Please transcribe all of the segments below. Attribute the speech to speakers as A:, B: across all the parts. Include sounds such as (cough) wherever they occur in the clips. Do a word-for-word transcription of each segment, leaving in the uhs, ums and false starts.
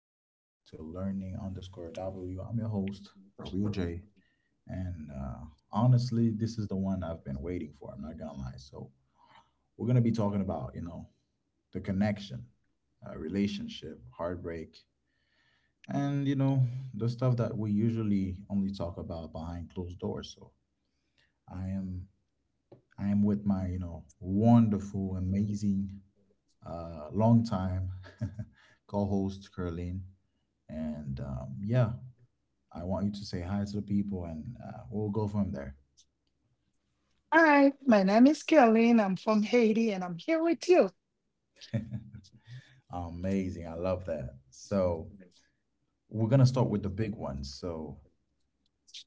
A: back to Learning underscore W. I'm your host, Raul J. And uh, honestly, this is the one I've been waiting for. I'm not gonna lie. So we're gonna be talking about, you know, the connection, uh, relationship, heartbreak, and you know, the stuff that we usually only talk about behind closed doors. So I am, I am with my, you know, wonderful, amazing, uh, long time (laughs) co-host, Curlin. And um, yeah, I want you to say hi to the people and uh, we'll go from there.
B: Hi, my name is Caroline. I'm from Haiti and I'm here with you.
A: Amazing. I love that. So we're going to start with the big ones. So,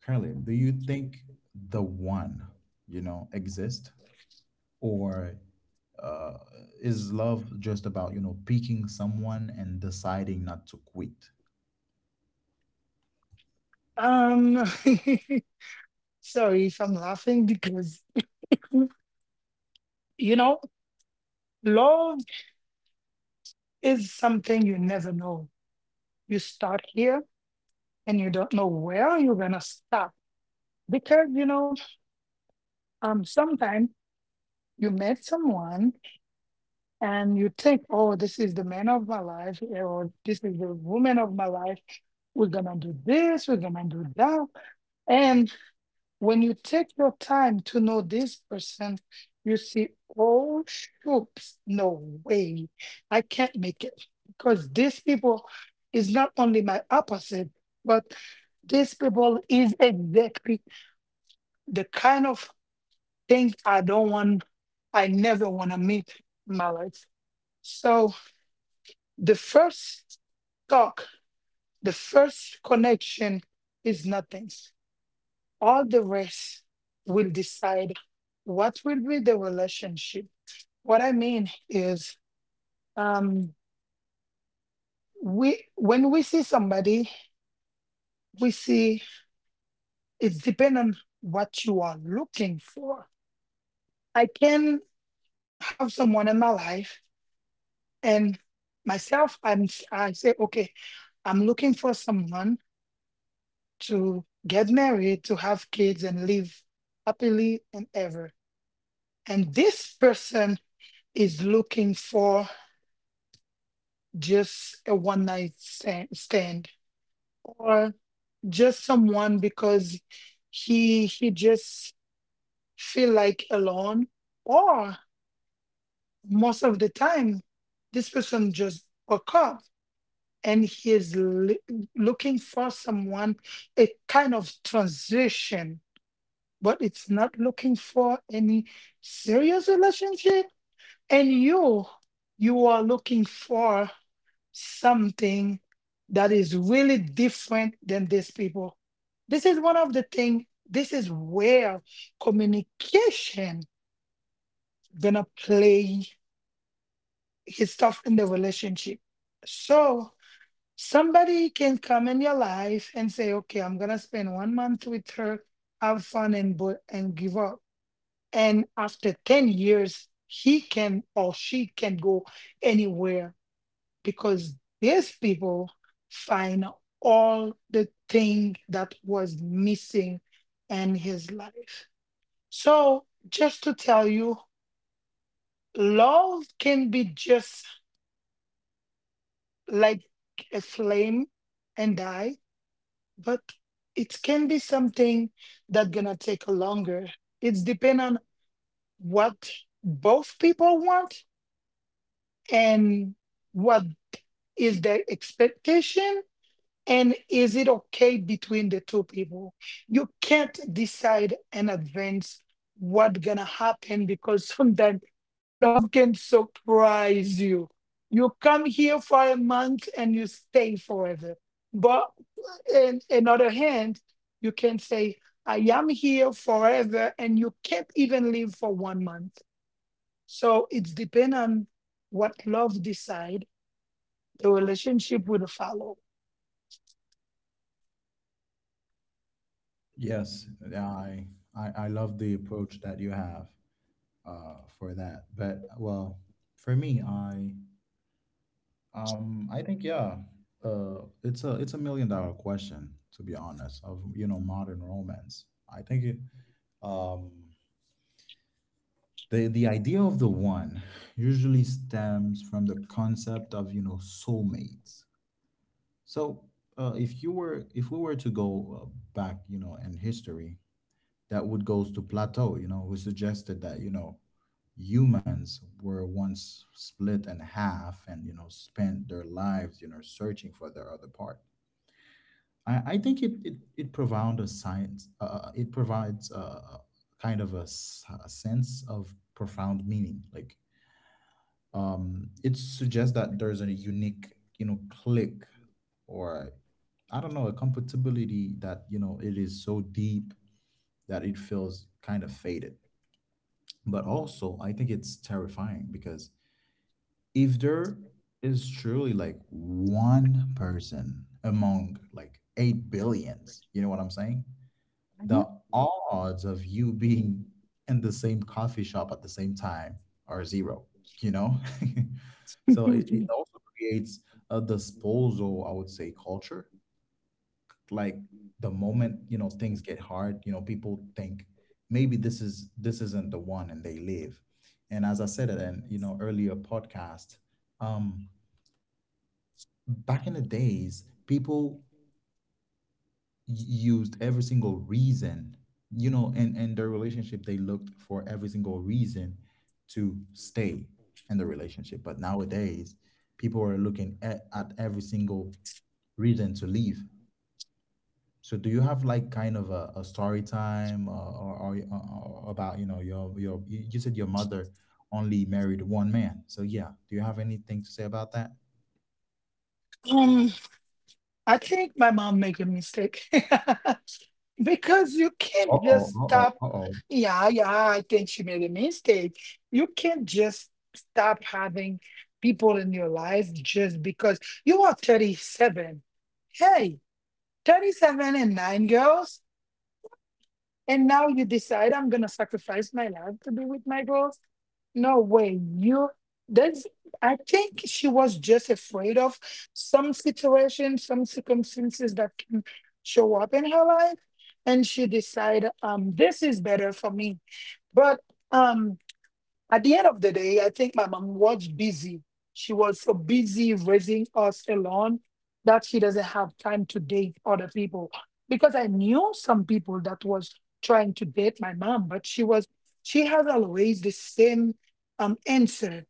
A: Carly, do you think the one, you know, exist or uh, is love just about, you know, picking someone and deciding not to quit?
B: Um, (laughs) Sorry if I'm laughing because, you know, love is something you never know. You start here and you don't know where you're going to stop because, you know, um, sometimes you met someone and you think, oh, this is the man of my life, or this is the woman of my life. We're going to do this, we're going to do that. And. When you take your time to know this person, you see, oh, shoops, no way. I can't make it. Because these people is not only my opposite, but these people is exactly the kind of thing I don't want, I never want to meet in my life. So the first talk, the first connection is nothing. All the rest will decide what will be the relationship. What I mean is, um, we when we see somebody, we see it's depend on what you are looking for. I can have someone in my life, and myself, I'm s- I say, okay, I'm looking for someone to get married, to have kids, and live happily and ever. And this person is looking for just a one night sta- stand, or just someone because he he just feel like alone, or most of the time this person just woke up and he is li- looking for someone, a kind of transition, but it's not looking for any serious relationship, and you you are looking for something that is really different than these people. This is one of the things, this is where communication gonna play his stuff in the relationship. So somebody can come in your life and say, okay, I'm gonna spend one month with her, have fun and bo- and give up. And after ten years, he can or she can go anywhere, because these people find all the thing that was missing in his life. So just to tell you, love can be just like a flame and die, but it can be something that gonna take longer. It's depend on what both people want, and what is their expectation. And is it okay between the two people? You can't decide in advance what gonna happen, because sometimes love can surprise you. You come here for a month and you stay forever. But in another hand, you can say, I am here forever, and you can't even live for one month. So it's depend on what love decide, the relationship will follow.
A: Yes, yeah, I, I I love the approach that you have uh, for that. But well, for me, I Um, I think yeah, uh, it's a it's a million dollar question, to be honest. Of, you know, modern romance, I think it, um, the the idea of the one usually stems from the concept of, you know, soulmates. So uh, if you were, if we were to go uh, back, you know, in history, that would goes to Plato. You know, who suggested that, you know, humans were once split in half and, you know, spent their lives, you know, searching for their other part. I, I think it it, it profound a science. Uh, uh, it provides a kind of a, s- a sense of profound meaning. Like, um, it suggests that there's a unique, you know, click or I don't know, a compatibility that, you know, it is so deep that it feels kind of faded. But also, I think it's terrifying because if there is truly like one person among like eight billions, you know what I'm saying? The odds of you being in the same coffee shop at the same time are zero, you know? (laughs) So it, it
B: (laughs)
A: also creates a disposal, I would say, culture. Like the moment, you know, things get hard, you know, people think maybe this is this isn't the one and they leave. And as I said it in, you know, earlier podcast, um, back in the days, people used every single reason, you know, and and their relationship, they looked for every single reason to stay in the relationship, but nowadays people are looking at, at every single reason to leave. So do you have like kind of a, a story time, uh, or, or, or about, you know, your your you you said your mother only married one man? So yeah, do you have anything to say about that?
B: I think my mom make a mistake (laughs) because you can't
A: Uh-oh,
B: just
A: uh-oh,
B: stop.
A: uh-oh.
B: Yeah, yeah, I think she made a mistake. You can't just stop having people in your life just because you are thirty-seven. Hey, thirty-seven and nine girls. And now you decide I'm gonna sacrifice my life to be with my girls. No way. You that's I think she was just afraid of some situation, some circumstances that can show up in her life. And she decided um this is better for me. But um at the end of the day, I think my mom was busy. She was so busy raising us alone that she doesn't have time to date other people. Because I knew some people that was trying to date my mom, but she was she has always the same um, answer.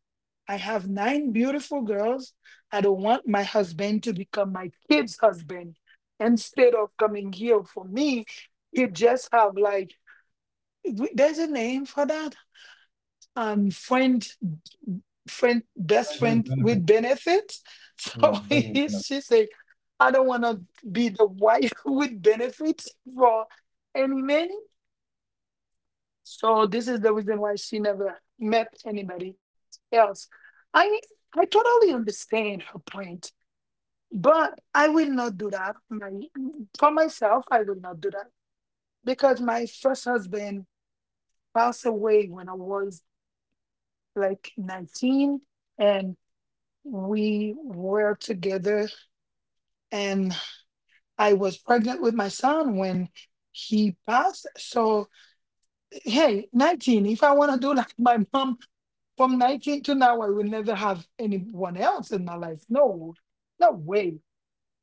B: I have nine beautiful girls. I don't want my husband to become my kid's husband. Instead of coming here for me, you just have like w- there's a name for that um friend friend, best
A: Friends with
B: friend
A: benefits.
B: with benefits. (laughs) So
A: Yeah, friends with
B: he,
A: benefits.
B: she said, I don't want to be the wife (laughs) with benefits for any man. So this is the reason why she never met anybody else. I I totally understand her point, but I will not do that. My, for myself, I will not do that because my first husband passed away when I was like nineteen, and we were together, and I was pregnant with my son when he passed. So hey, nineteen. If I want to do (laughs) like my mom from nineteen to now, I will never have anyone else in my life. No, no way.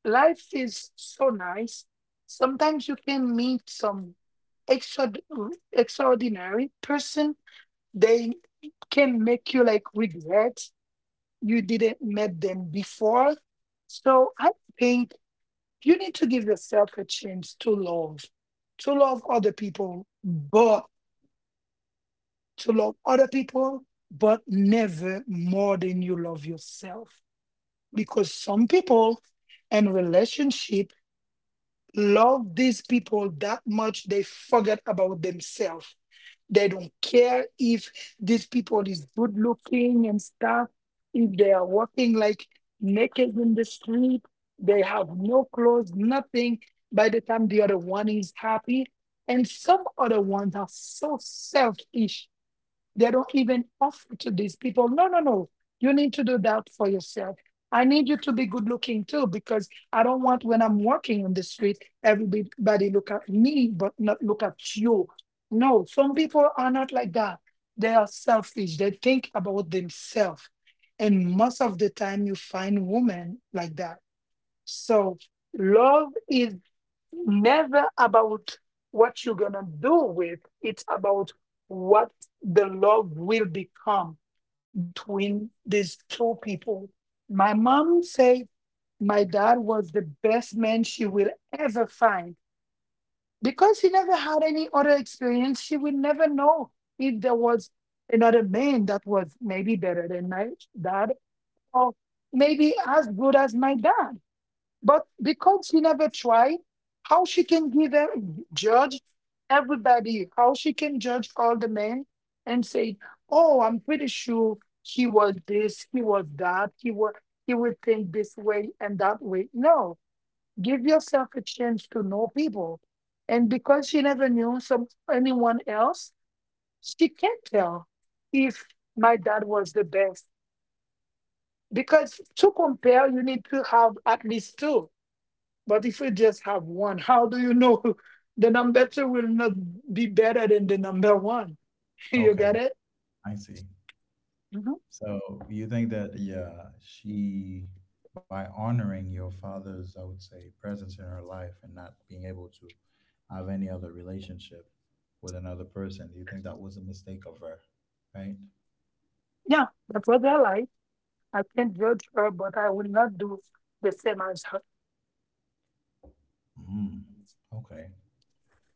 B: Life is so nice. Sometimes you can meet some extra, extraordinary person. They can make you like regret you didn't met them before. So I think you need to give yourself a chance to love, to love other people, but to love other people, but never more than you love yourself. Because some people in relationship love these people that much they forget about themselves. They don't care if these people is good looking and stuff. If they are walking like naked in the street, they have no clothes, nothing. By the time the other one is happy, and some other ones are so selfish they don't even offer to these people. No, no, no. You need to do that for yourself. I need you to be good looking too, because I don't want when I'm walking on the street, everybody look at me, but not look at you. No, some people are not like that. They are selfish. They think about themselves. And most of the time you find women like that. So love is never about what you're going to do with, it's about what the love will become between these two people. My mom said my dad was the best man she will ever find. Because he never had any other experience, she will never know if there was another man that was maybe better than my dad, or maybe as good as my dad. But because she never tried, how she can give a judge everybody, how she can judge all the men and say, "Oh, I'm pretty sure he was this, he was that, he was he would think this way and that way." No, give yourself a chance to know people, and because she never knew some anyone else, she can't tell if my dad was the best. Because to compare, you need to have at least two, but if we just have one, how do you know (laughs) the number two will not be better than the number one? (laughs) You
A: Okay,
B: get it?
A: I see.
B: Mhm.
A: So you think that, yeah, she, by honoring your father's, I would say, presence in her life and not being able to have any other relationship with another person, do you think that was a mistake of her? Right?
B: Yeah, that's what they're like. I can't judge her, but I will not do the same as her.
A: Mm. Okay.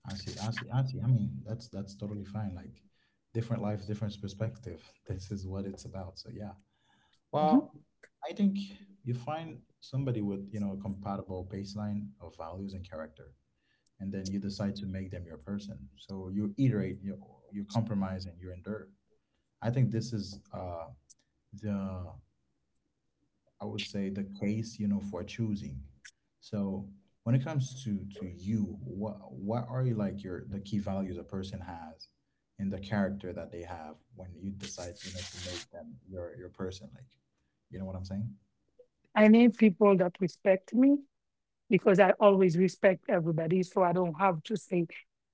A: I see, I see, I see. I mean, that's that's totally fine. Like different life, different perspective. (laughs) This is what it's about. So yeah. Well,
B: Mhm.
A: I think you find somebody with, you know, a compatible baseline of values and character, and then you decide to make them your person. So you iterate, you you compromise, and you endure. I think this is uh, the, I would say, the case, you know, for choosing. So when it comes to to you, what what are you like, your the key values a person has and the character that they have when you decide, you know, to make them your your person, like, you know what I'm saying?
B: I need people that respect me, because I always respect everybody. So I don't have to say,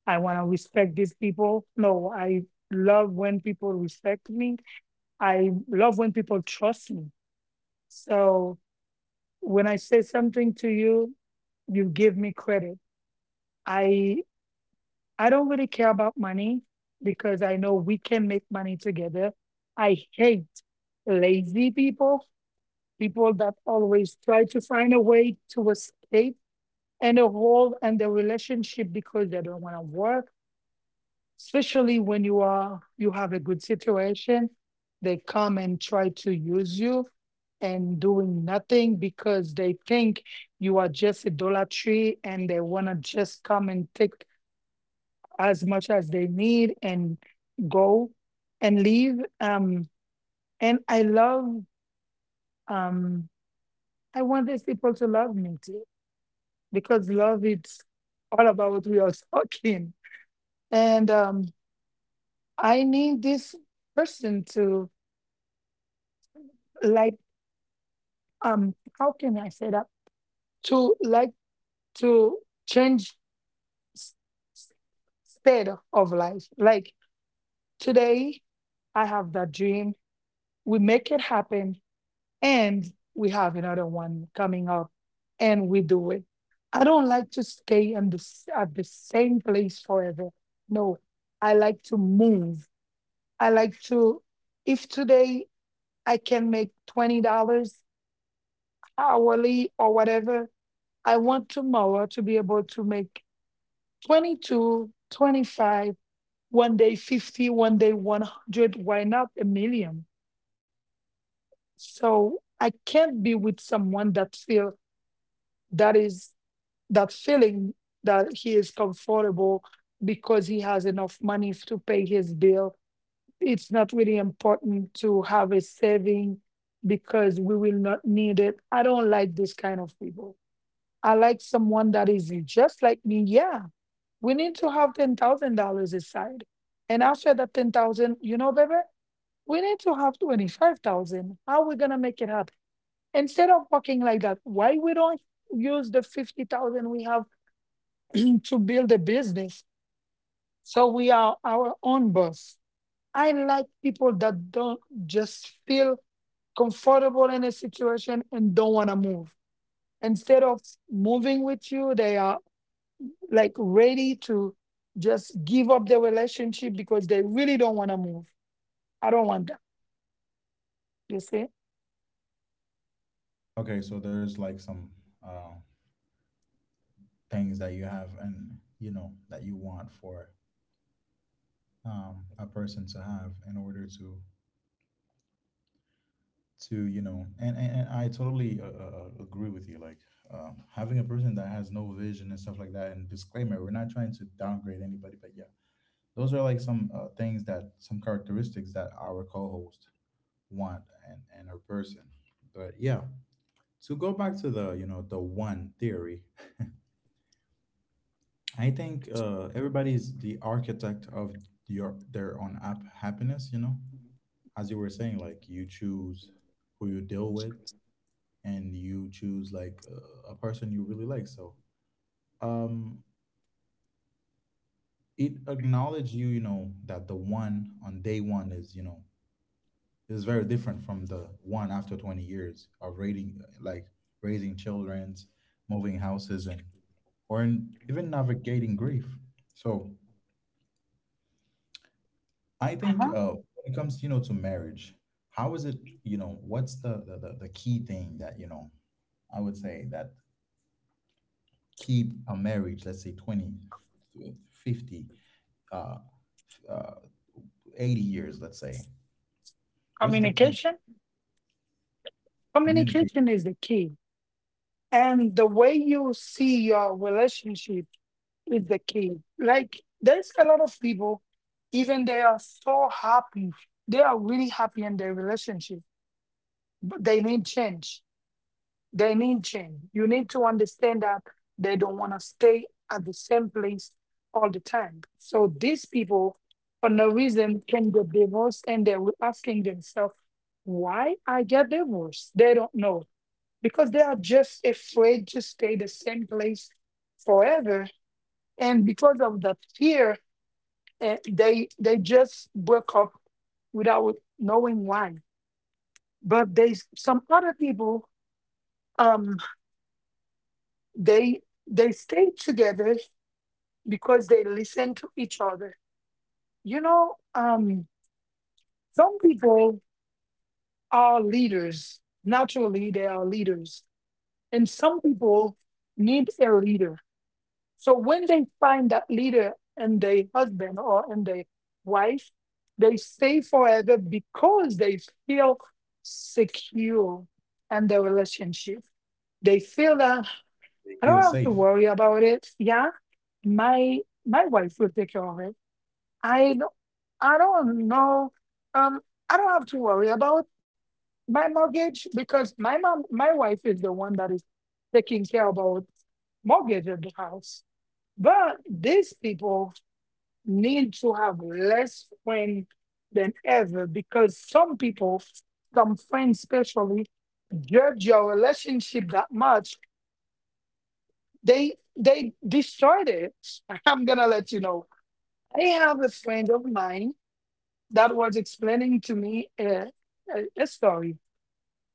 B: I want to respect these people. No, I love when people respect me. I love when people trust me. So when I say something to you, you give me credit. I I don't really care about money, because I know we can make money together. I hate lazy people, people that always try to find a way to escape and a hole and the relationship because they don't want to work. Especially when you are you have a good situation, they come and try to use you and doing nothing because they think you are just a dollar tree and they want to just come and take as much as they need and go and leave. Um, and I love, um, I want these people to love me too, because love it's all about what we are (laughs) talking. And um, I need this person to like, um, how can I say that? To like to change s- s- state of life. Like today, I have that dream. We make it happen, and we have another one coming up, and we do it. I don't like to stay in the, s- at the same place forever. No, I like to move. I like to, if today I can make twenty dollars hourly or whatever, I want tomorrow to be able to make twenty two, twenty five, one day fifty, one day one hundred, why not a million? So I can't be with someone that feel that is that feeling that he is comfortable because he has enough money to pay his bill. It's not really important to have a saving because we will not need it. I don't like this kind of people. I like someone that is just like me. Yeah, we need to have ten thousand dollars aside, and after that ten thousand, you know, baby, we need to have twenty five thousand. How are we gonna make it happen? Instead of walking like that, why we don't use the fifty thousand we have to build a business? So we are our own boss. I like people that don't just feel comfortable in a situation and don't want to move. Instead of moving with you, they are like ready to just give up the relationship because they really don't want to move. I don't want that. You see?
A: Okay, so there's like some uh, things that you have and you know that you want for, um, a person to have in order to to you know, and and, and I totally uh, uh, uh, agree with you, like, um, having a person that has no vision and stuff like that. And disclaimer, we're not trying to downgrade anybody, but yeah, those are like some uh, things, that some characteristics that our co-host want and and a person. But yeah, to go back to the, you know, the one theory, I think uh, everybody is the architect of your their own app happiness. You know, as you were saying, like you choose who you deal with, and you choose like uh, a person you really like. So um, it acknowledge you, you know, that the one on day one is, you know, is very different from the one after twenty years of rating, like raising childrens, moving houses, and or in, even navigating grief. So I think
B: Uh-huh.
A: uh, when it comes, you know, to marriage, how is it, you know, what's the, the, the, the key thing that, you know, I would say that keep a marriage, let's say twenty, f- fifty, uh, f- uh, eighty years, let's say. What's the key?
B: Communication.
A: Communicate.
B: Communication is the key. And the way you see your relationship is the key. Like there's a lot of people, even they are so happy. They are really happy in their relationship, but they need change. They need change. You need to understand that they don't want to stay at the same place all the time. So these people, for no reason, can get divorced and they were asking themselves, why I get divorced? They don't know. Because they are just afraid to stay the same place forever. And because of the fear and they they just broke up without knowing why. But they some other people um they they stayed together because they listen to each other. You know, um some people are leaders. Naturally they are leaders. And some people need a leader. So when they find that leader and their husband or and their wife, they stay forever because they feel secure in the relationship. They feel that
A: They
B: I
A: feel
B: don't have to
A: safe.
B: worry about it. Yeah, my my wife will take care of it. I don't, I don't know. Um, I don't have to worry about my mortgage because my mom my wife is the one that is taking care about mortgage of the house. But these people need to have less friends than ever because some people, some friends especially, judge your relationship that much they they destroyed it. (laughs) I'm gonna let you know, I have a friend of mine that was explaining to me a, a, a story.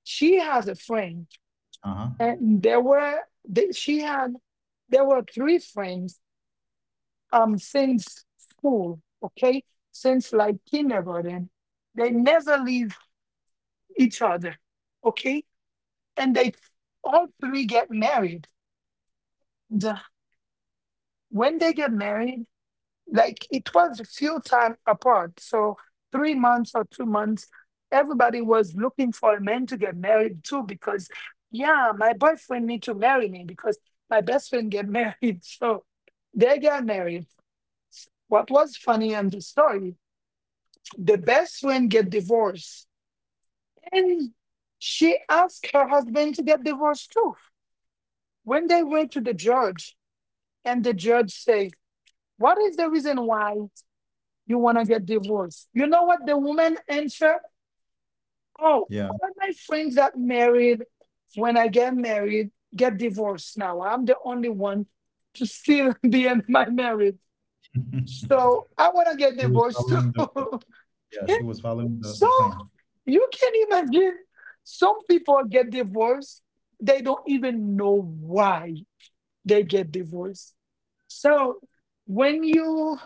B: She has a friend
A: Uh-huh.
B: and there were they, she had there were three friends um since school, okay, since like kindergarten. They never leave each other, okay. And they all three get married, the, when they get married, like it was a few time apart. So three months or two months, everybody was looking for a man to get married to because yeah, my boyfriend need to marry me because my best friend get married. (laughs) So they get married. What was funny in the story, the best friend get divorced. And she asked her husband to get divorced too. When they went to the judge and the judge said, what is the reason why you want to get divorced? You know what the woman answer? Oh,
A: Yeah.
B: all my friends that married, when I get married, get divorced now. I'm the only one to still (laughs) be in my marriage.
A: (laughs)
B: So I want to get
A: She was
B: divorced
A: following the, the
B: too.
A: yeah, she
B: (laughs)
A: was following the,
B: So
A: the clan.
B: you can imagine some people get divorced. They don't even know why they get divorced. So when you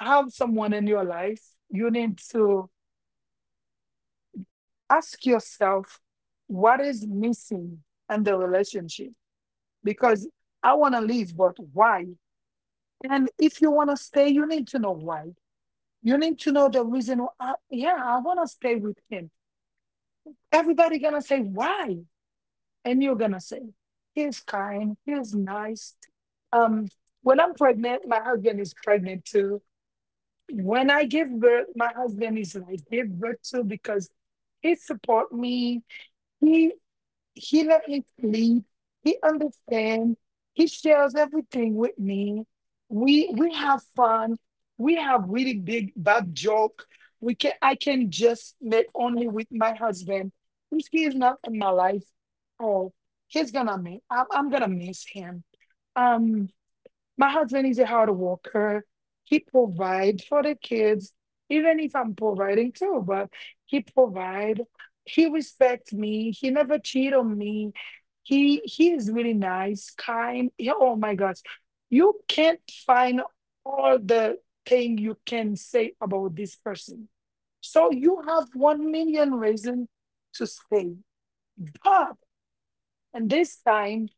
B: have someone in your life, you need to ask yourself what is missing in the relationship. Because I want to leave, but why? And if you want to stay, you need to know why. You need to know the reason why. Yeah, I want to stay with him. Everybody gonna say why, and you're gonna say he's kind, he's nice, um, when I'm pregnant my husband is pregnant too, when I give birth my husband is like give birth too, because he support me. He let me sleep. He understands. He shares everything with me. We we have fun. We have really big bad joke. We can I can just make only with my husband. If he is not in my life, oh, he's gonna miss. I'm, I'm gonna miss him. Um, my husband is a hard worker. He provides for the kids, even if I'm providing too, but he provide. He respects me. He never cheat on me. He he is really nice, kind. Yeah. Oh my gosh. You can't find all the thing you can say about this person. So you have one million reason to stay. But and this time,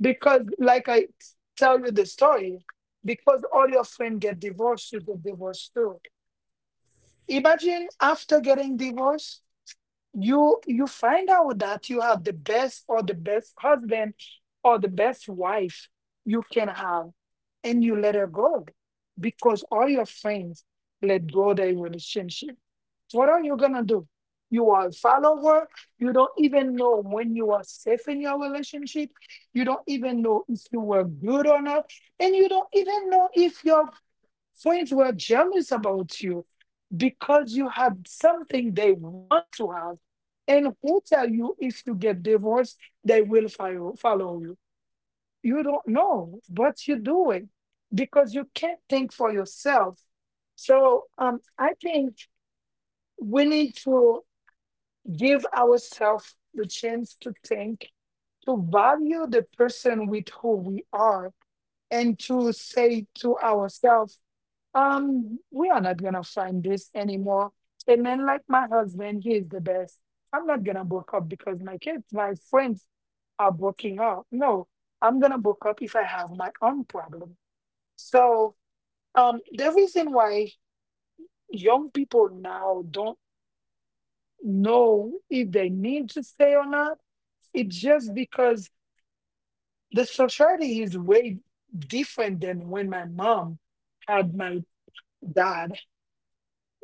B: because, like I tell you the story, because all your friends get divorced, you get divorced too. Imagine after getting divorced, you you find out that you have the best or the best husband or the best wife you can have, and you let her go because all your friends let go their relationship. What are you gonna do? You are follow her. You don't even know when you are safe in your relationship. You don't even know if you were good or not. And you don't even know if your friends were jealous about you because you had something they want to have. And who tell you if you get divorced, they will follow, follow you? You don't know, but you do it because you can't think for yourself. So um, I think we need to give ourselves the chance to think, to value the person with who we are, and to say to ourselves, um, we are not gonna find this anymore. A man like my husband, he is the best. I'm not gonna book up because my kids, my friends are booking up. No, I'm gonna book up if I have my own problem. So, um, the reason why young people now don't know if they need to stay or not, it's just because the society is way different than when my mom had my dad.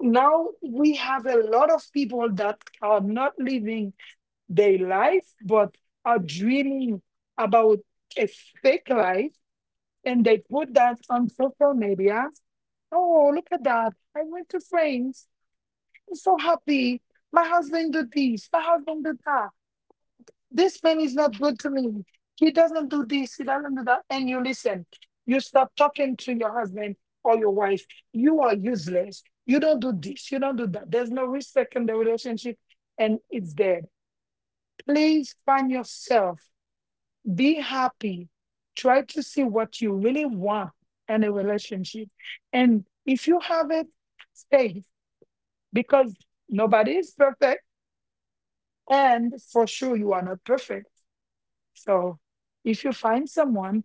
B: Now we have a lot of people that are not living their life but are dreaming about a fake life, and they put that on social media. Oh, look at that, I went to France, I'm so happy, my husband did this, my husband did that. This man is not good to me. He doesn't do this, he doesn't do that. And you listen, you stop talking to your husband or your wife. You are useless. You don't do this, you don't do that. There's no respect in the relationship, and it's dead. Please find yourself, be happy, try to see what you really want in a relationship. And if you have it, stay, because nobody is perfect, and for sure, you are not perfect. So, if you find someone,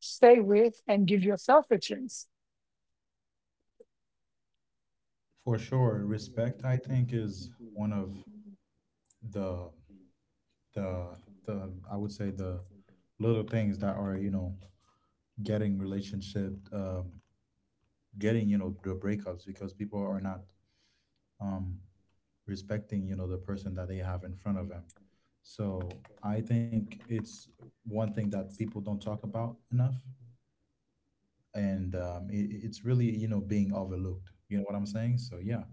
B: stay with and give yourself a chance.
A: For sure. Respect, I think, is one of the the the I would say the little things that are, you know, getting relationship, um, getting, you know, the breakups because people are not, um, respecting, you know, the person that they have in front of them. So I think it's one thing that people don't talk about enough and, um, it, it's really, you know, being overlooked, you know what I'm saying? So yeah,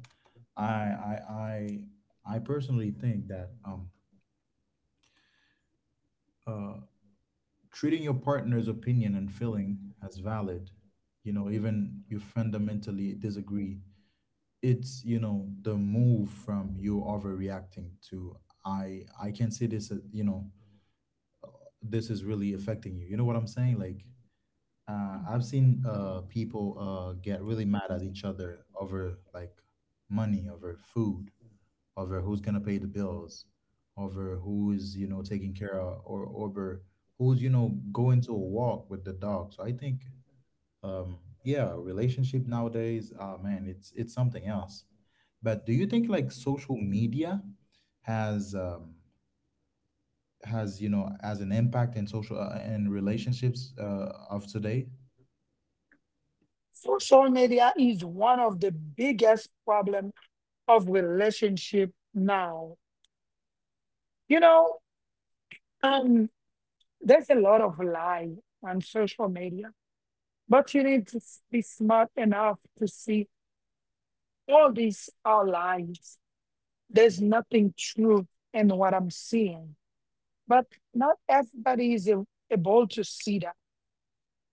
A: i i i, I personally think that, um, uh, treating your partner's opinion and feeling as valid, you know, even you fundamentally disagree, it's, you know, the move from you overreacting to i I can see this as, you know, this is really affecting you, you know what I'm saying, like uh, I've seen uh people uh get really mad at each other over like money, over food, over who's gonna pay the bills, over who is, you know, taking care of, or over who's, you know, going to a walk with the dog. So I think, um, yeah, relationship nowadays, ah, man, it's it's something else. But do you think like social media has, um, has, you know, as an impact in social, uh, and relationships uh, of today?
B: Social media is one of the biggest problem of relationship now. You know, um, there's a lot of lie on social media, but you need to s- be smart enough to see all these are lies. There's nothing true in what I'm seeing, but not everybody is a- able to see that.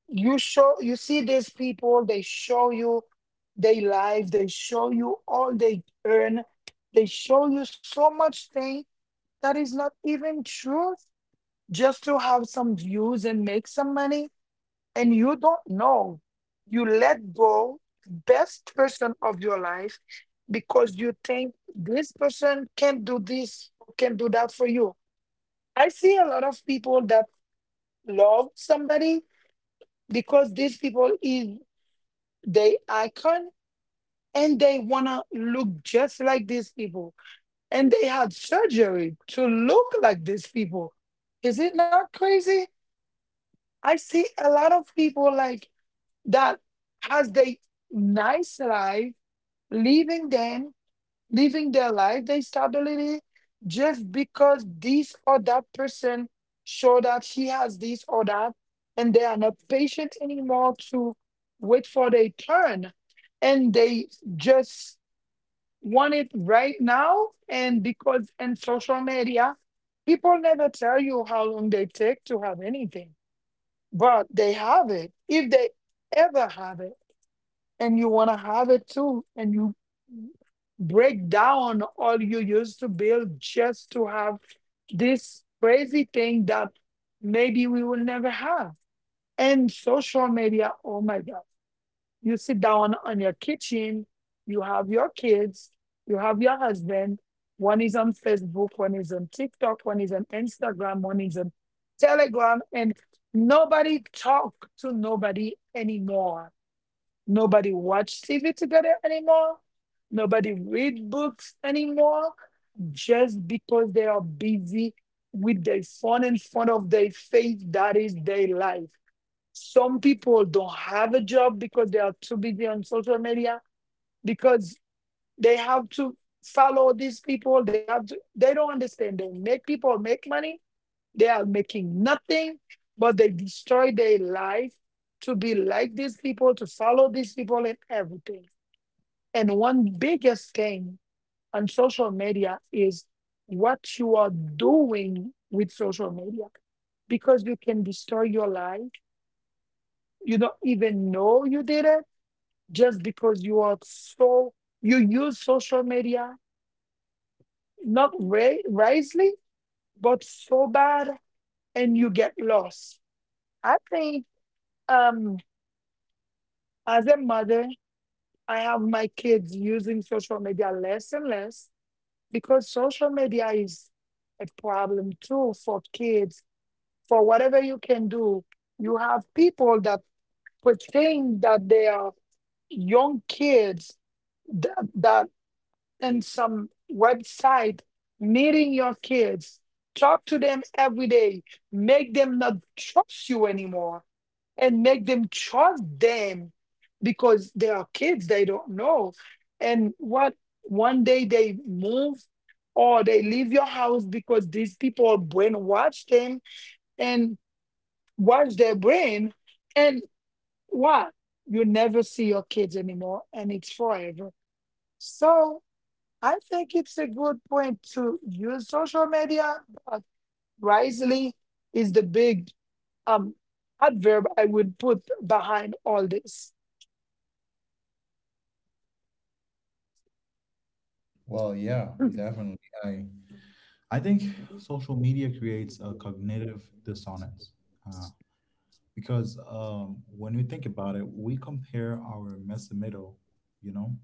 B: You show you see these people, they show you their life, they show you all they earn, they show you so much thing that is not even true, just to have some views and make some money. And you don't know, you let go best person of your life because you think this person can do this, can do that for you. I see a lot of people that love somebody because these people is, they icon, and they wanna look just like these people, and they had surgery to look like these people. Is it not crazy? I see a lot of people like that has they nice life, leaving them living their life, their stability, just because this or that person show that he has this or that, and they are not patient anymore to wait for their turn, and they just want it right now. And because in social media, people never tell you how long they take to have anything, but they have it, if they ever have it. And you want to have it too, and you break down all you used to build just to have this crazy thing that maybe we will never have. And social media, oh my God, you sit down on your kitchen, you have your kids, you have your husband, one is on Facebook, one is on TikTok, one is on Instagram, one is on Telegram, and nobody talk to nobody anymore. Nobody watch T V together anymore. Nobody read books anymore, just because they are busy with their phone in front of their face. That is their life. Some people don't have a job because they are too busy on social media because they have to follow these people. They have to, they don't understand. They make people make money. They are making nothing, but they destroy their life to be like these people, to follow these people and everything. And one biggest thing on social media is what you are doing with social media, because you can destroy your life. You don't even know you did it, just because you are so, you use social media not ri- wisely, but so bad, and you get lost. I think um, as a mother, I have my kids using social media less and less because social media is a problem too for kids. For whatever you can do, you have people that pretend that they are young kids that, that in some website meeting your kids, talk to them every day, make them not trust you anymore and make them trust them because they are kids, they don't know. And what, one day they move or they leave your house because these people brainwash them and wash their brain. And what, you never see your kids anymore and it's forever. So I think it's a good point to use social media, but wisely is the big um adverb I would put behind all this.
A: Well, yeah,
B: (laughs)
A: definitely. i I think social media creates a cognitive dissonance, uh, because um when we think about it, we compare our mesomedo, you know,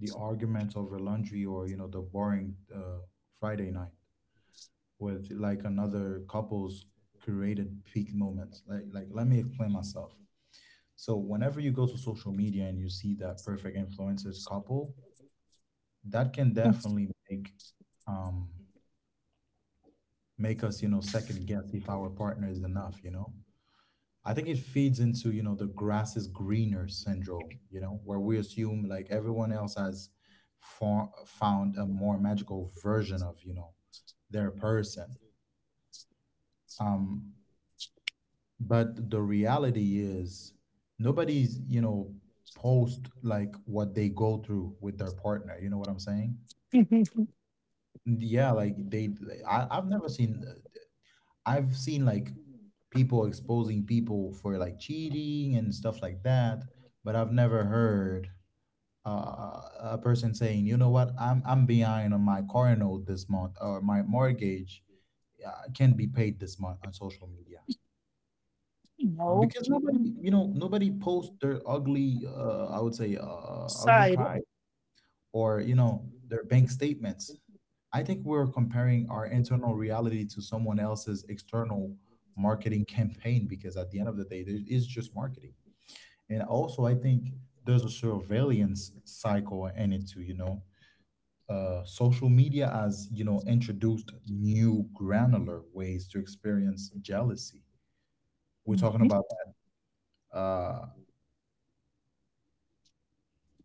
A: the arguments over laundry or, you know, the boring, uh, friday night with like another couple's created peak moments. Like, like let me explain myself. So whenever you go to social media and you see that perfect influencers couple, that can definitely make, um, make us, you know, second guess if our partner is enough, you know. I think it feeds into, you know, the grass is greener syndrome, you know, where we assume like everyone else has, for, found a more magical version of, you know, their person. Um, but the reality is nobody's, you know, post like what they go through with their partner, you know what I'm saying? Yeah, like they they- I, I've never seen, I've seen like people exposing people for like cheating and stuff like that, but I've never heard, uh, a person saying, you know what, i'm I'm behind on my car note this month, or my mortgage, uh, can't be paid this month on social media,
B: No
A: because nobody, you know, nobody posts their ugly, uh, I would say, uh, ugly
B: side.
A: cry or, you know, their bank statements. I think we're comparing our internal reality to someone else's external marketing campaign, because at the end of the day, there is just marketing. And also I think there's a surveillance cycle in it too, you know, uh, social media has, you know, introduced new granular ways to experience jealousy. We're
B: Mhm,
A: talking about, uh,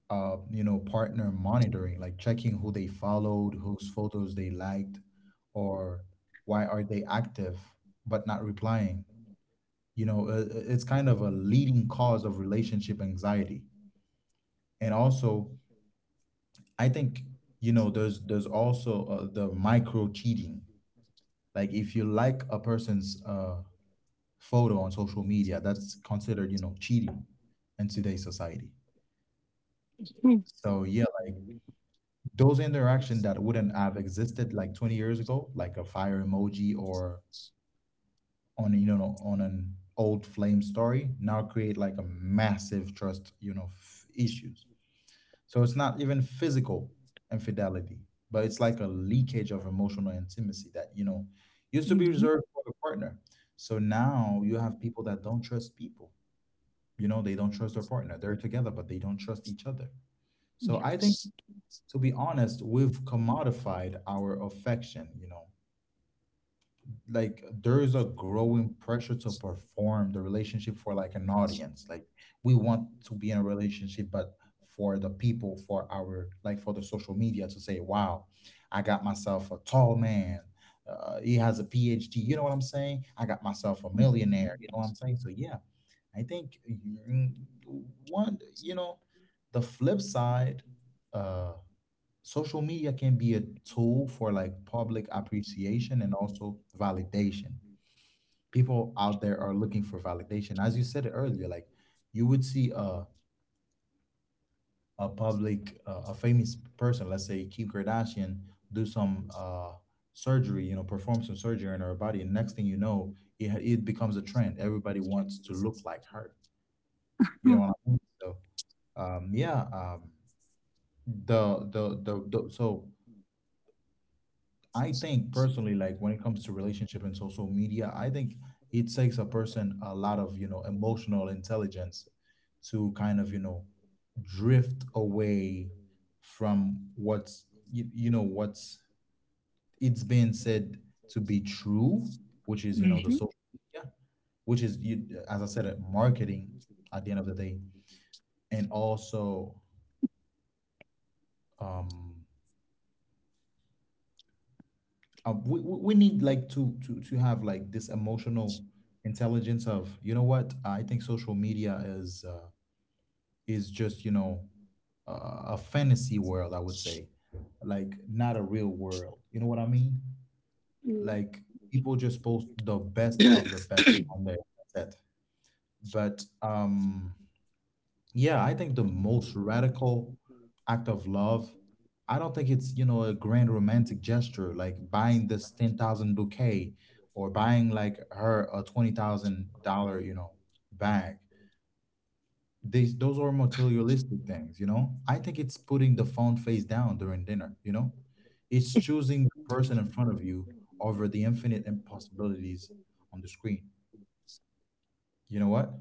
A: uh, you know, partner monitoring, like checking who they followed, whose photos they liked, or why are they active but not replying. You know, uh, uh, it's kind of a leading cause of relationship anxiety. And also, I think, you know, there's there's also uh, the micro cheating. Like if you like a person's, uh, photo on social media, that's considered, you know, cheating in today's society. So yeah, like those interaction that wouldn't have existed like twenty years ago, like a fire emoji or on a, you know, on an old flame story, now create like a massive trust, you know, f- issues. So it's not even physical infidelity, but it's like a leakage of emotional intimacy that, you know, used to be
B: mhm.
A: reserved for the partner. So now you have people that don't trust people, you know, they don't trust their partner, they're together but they don't trust each other. So I think,
B: Yes.
A: to be honest, we've commodified our affection, you know. Like there's a growing pressure to perform the relationship for like an audience. Like we want to be in a relationship, but for the people, for our like for the social media to say, "Wow, I got myself a tall man. Uh, he has a PhD." You know what I'm saying? I got myself a
B: Mhm.
A: millionaire. You know what I'm saying? So yeah, I think mm, one, you know, the flip side. Uh, Social media can be a tool for like public appreciation and also validation. People out there are looking for validation. As you said earlier, like you would see a a public uh, a famous person, let's say Kim Kardashian, do some uh surgery, you know, perform some surgery on her body, and next thing you know, it it becomes a trend. Everybody wants to look like her. You know what I mean? So um yeah, um the the the, the so I think personally, like when it comes to relationship and social media, I think it takes a person a lot of, you know, emotional intelligence to kind of, you know, drift away from what's, you, you know, what's it's been said to be true, which is, you know, the social media, which is, you, as I said, uh, marketing at the end of the day. And also, um, uh, we, we we need like to to to have like this emotional intelligence of you know what I think social media is uh, is just you know uh, a fantasy world I would say, like not a real world. You know what I mean?
B: Yeah.
A: Like people just post the best of the best on there. That's it. But um yeah, I think the most radical act of love, I don't think it's, you know, a grand romantic gesture like buying this ten thousand bouquet or buying like her a twenty thousand dollars you know, bag. These those are materialistic things, you know? I think it's putting the phone face down during dinner, you know? It's choosing the person in front of you over the infinite impossibilities on the screen. You know what?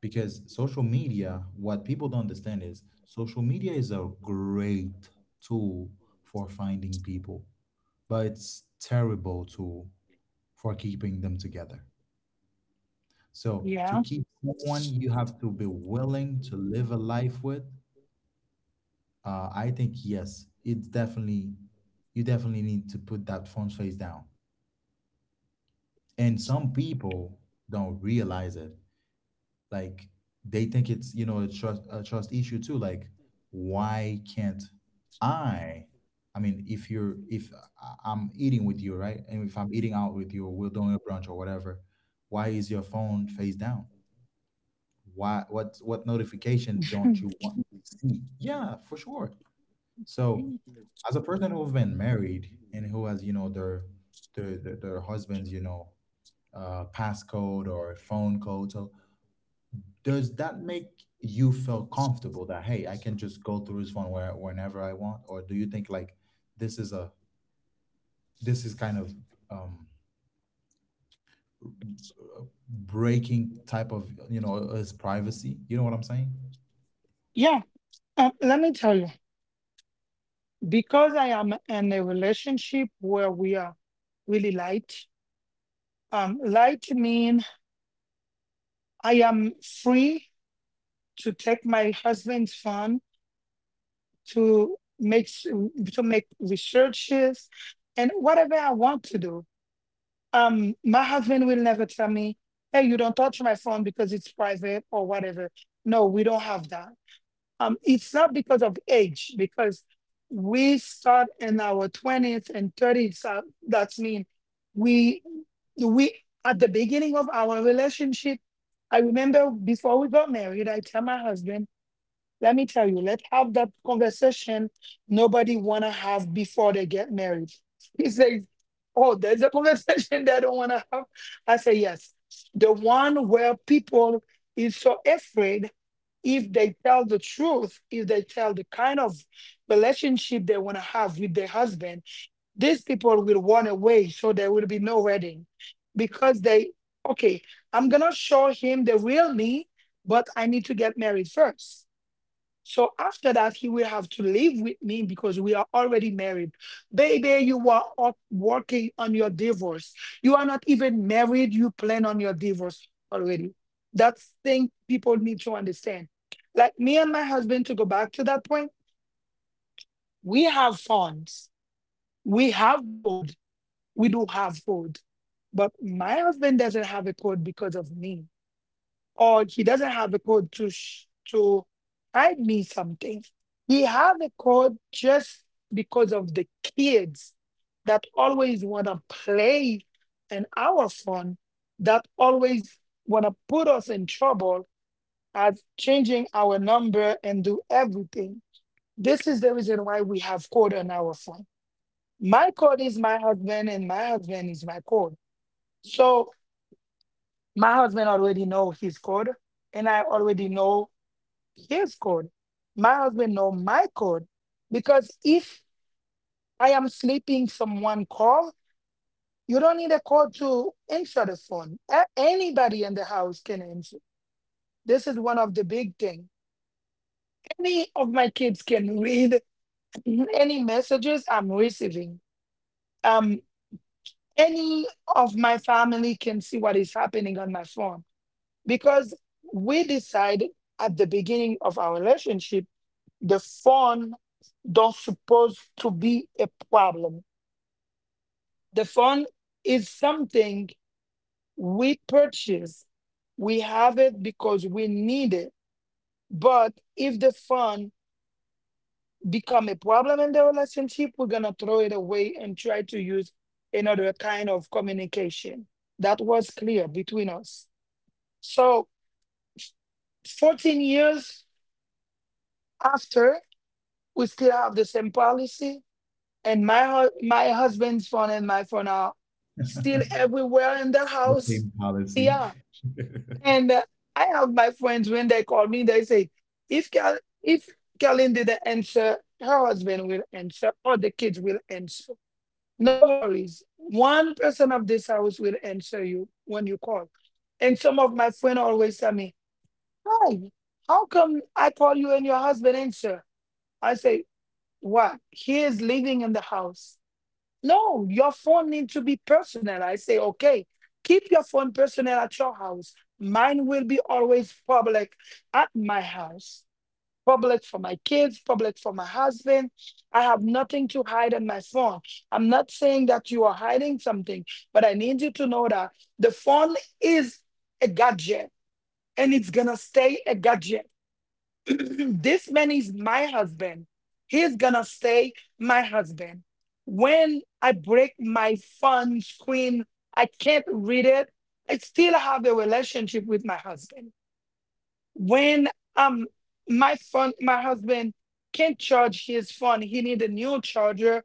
A: Because social media, what people don't understand is social media is a great tool for finding people, but it's terrible tool for keeping them together. So to
B: Yeah.
A: keep someone you have to be willing to live a life with uh, I think yes, it's definitely, you definitely need to put that phone face down. And some people don't realize it. Like they think it's, you know, a trust a trust issue too. Like why can't I? I mean If you're if I- I'm eating with you, right? And if I'm eating out with you or we're doing a brunch or whatever, why is your phone face down? Why, what what notification
B: Mhm.
A: don't you want to see? Yeah, for sure. So as a person who's been married and who has, you know, their their their, their husbands, you know, uh passcode or phone code, so does that make you feel comfortable that, hey, I can just go through this one where whenever I want? Or do you think like this is a this is kind of, um uh, breaking type of, you know, his privacy? You know what I'm saying?
B: Yeah. Uh, let me tell you, because I am in a relationship where we are really light. Um, light mean I am free to take my husband's phone to make s- to make researches and whatever I want to do. Um, my husband will never tell me, "Hey, you don't touch my phone because it's private or whatever." No, we don't have that. Um, it's not because of age, because we start in our twenties and thirties. Uh, that's mean we we at the beginning of our relationship. I remember before we got married, I tell my husband, let me tell you, let's have that conversation nobody wanna have before they get married. He says, oh, there's a conversation (laughs) they don't wanna have. I say, yes. The one where people is so afraid if they tell the truth, if they tell the kind of relationship they want to have with their husband, these people will run away. So there will be no wedding because they, okay, I'm going to show him the real me, but I need to get married first." So after that, he will have to live with me because we are already married. Baby, you are up working on your divorce. You are not even married. You plan on your divorce already. That's thing people need to understand. Like me and my husband, to go back to that point, we have funds. We have code. We do have code. But my husband doesn't have a code because of me, or he doesn't have a code to sh- to hide me something. He have a code just because of the kids that always wanna play in our phone, that always wanna put us in trouble as changing our number and do everything. This is the reason why we have code on our phone. My code is my husband, and my husband is my code. So my husband already know his code, and I already know his code. My husband know my code because if I am sleeping, someone call. You don't need a code to answer the phone. A- Anybody in the house can answer. This is one of the big thing. Any of my kids can read (laughs) any messages I'm receiving. Um, any of my family can see what is happening on my phone because we decide at the beginning of our relationship the phone don't supposed to be a problem. The phone is something we purchase. We have it because we need it. But if the phone become a problem in the relationship, we're gonna throw it away and try to use another kind of communication. That was clear between us. So fourteen years after, we still have the same policy, and my hu- my husband's phone and my phone are still
A: (laughs)
B: everywhere in the
A: The
B: house.
A: same policy.
B: Yeah,
A: (laughs)
B: and uh, I have my friends, when they call me, they say, if Cal- if Kalin didn't answer, her husband will answer or the kids will answer. No worries. One person of this house will answer you when you call. And some of my friends always tell me, hi, how come I call you and your husband answer? I say, what? He is living in the house. No, your phone needs to be personal. I say, okay, keep your phone personal at your house. Mine will be always public at my house. Public for my kids, public for my husband. I have nothing to hide on my phone. I'm not saying that you are hiding something, but I need you to know that the phone is a gadget and it's gonna stay a gadget. This man is my husband. He's gonna stay my husband. When I break my phone screen, I can't read it. I still have a relationship with my husband. When um my phone, my husband can't charge his phone. He need a new charger.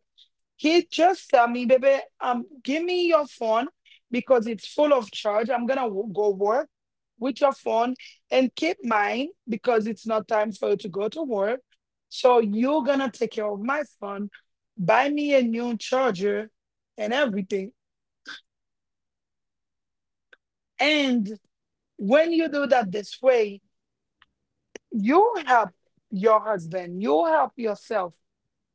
B: He just tell me, baby, um, give me your phone because it's full of charge. I'm gonna w- go work with your phone and keep mine because it's not time for you to go to work. So you're gonna take care of my phone, buy me a new charger and everything. And when you do that this way, you help your husband, you help yourself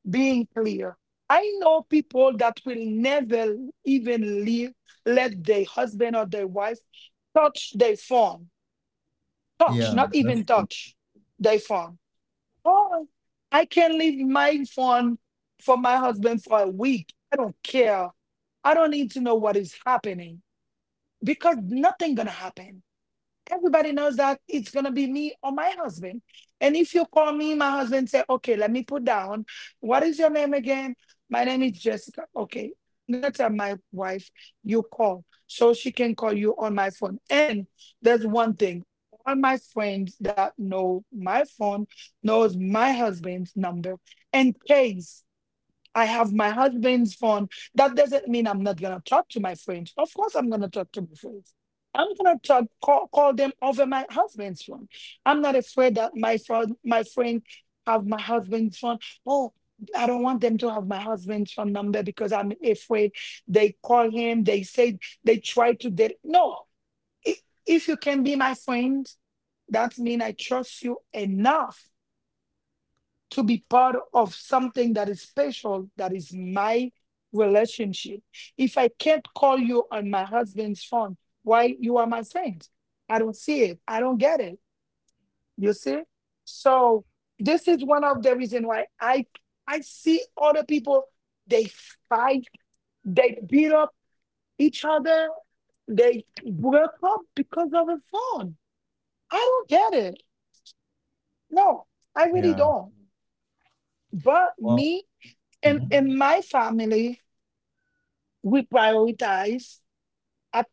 B: being clear. I know people that will never even leave, let their husband or their wife touch their phone, touch, not
A: Yeah,
B: even
A: that's true.
B: touch their phone. Oh, I can leave my phone for my husband for a week. I don't care. I don't need to know what is happening because nothing gonna happen. Everybody knows that it's gonna be me or my husband. And if you call me, my husband say, okay, let me put down. What is your name again? My name is Jessica. Okay, I'm gonna tell my wife you call so she can call you on my phone. And there's one thing. All my friends that know my phone knows my husband's number in case I have my husband's phone. That doesn't mean I'm not gonna talk to my friends. Of course, I'm gonna talk to my friends. I'm gonna talk, call, call them over my husband's phone. I'm not afraid that my friend, my friend, have my husband's phone. Oh, I don't want them to have my husband's phone number because I'm afraid they call him. They say they try to date. No, if, if you can be my friend, that means I trust you enough to be part of something that is special, that is my relationship. If I can't call you on my husband's phone, why you are my friend? I don't see it. I don't get it. You see? So this is one of the reason why I I see other people, they fight, they beat up each other, they broke up because of a phone. I don't get it. No, I really
A: Yeah.
B: don't. But
A: Well,
B: me, in
A: mhm.
B: in my family we prioritize at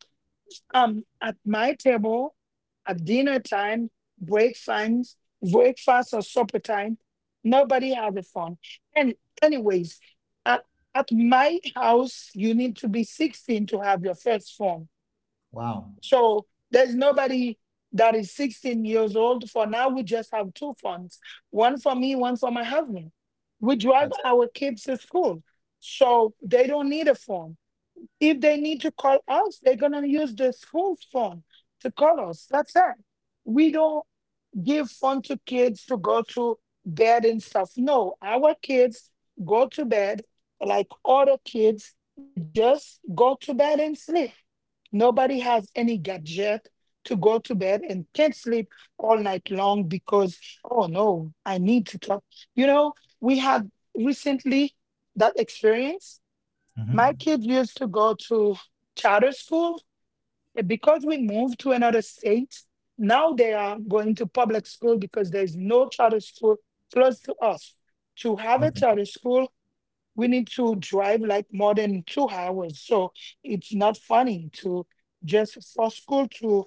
B: um at my table, at dinner time, break times, breakfast or supper time, nobody have a phone. And anyways, at, at my house you need to be sixteen to have your first phone,
A: Wow.
B: so there's nobody that is sixteen years old. For now, we just have two funds, one for me, one for my husband. We drive
A: That's it.
B: our kids to school. So they don't need a phone. If they need to call us, they're going to use the school phone to call us. That's it. We don't give phone to kids to go to bed and stuff. No, our kids go to bed like other kids. They just go to bed and sleep. Nobody has any gadget to go to bed and can't sleep all night long because, oh no, I need to talk. You know, we had recently that experience.
A: Hmm.
B: My kids used to go to charter school, and because we moved to another state, now they are going to public school because there's no charter school close to us. To have a
A: Okay.
B: charter school, we need to drive like more than two hours. So it's not funny to just for school to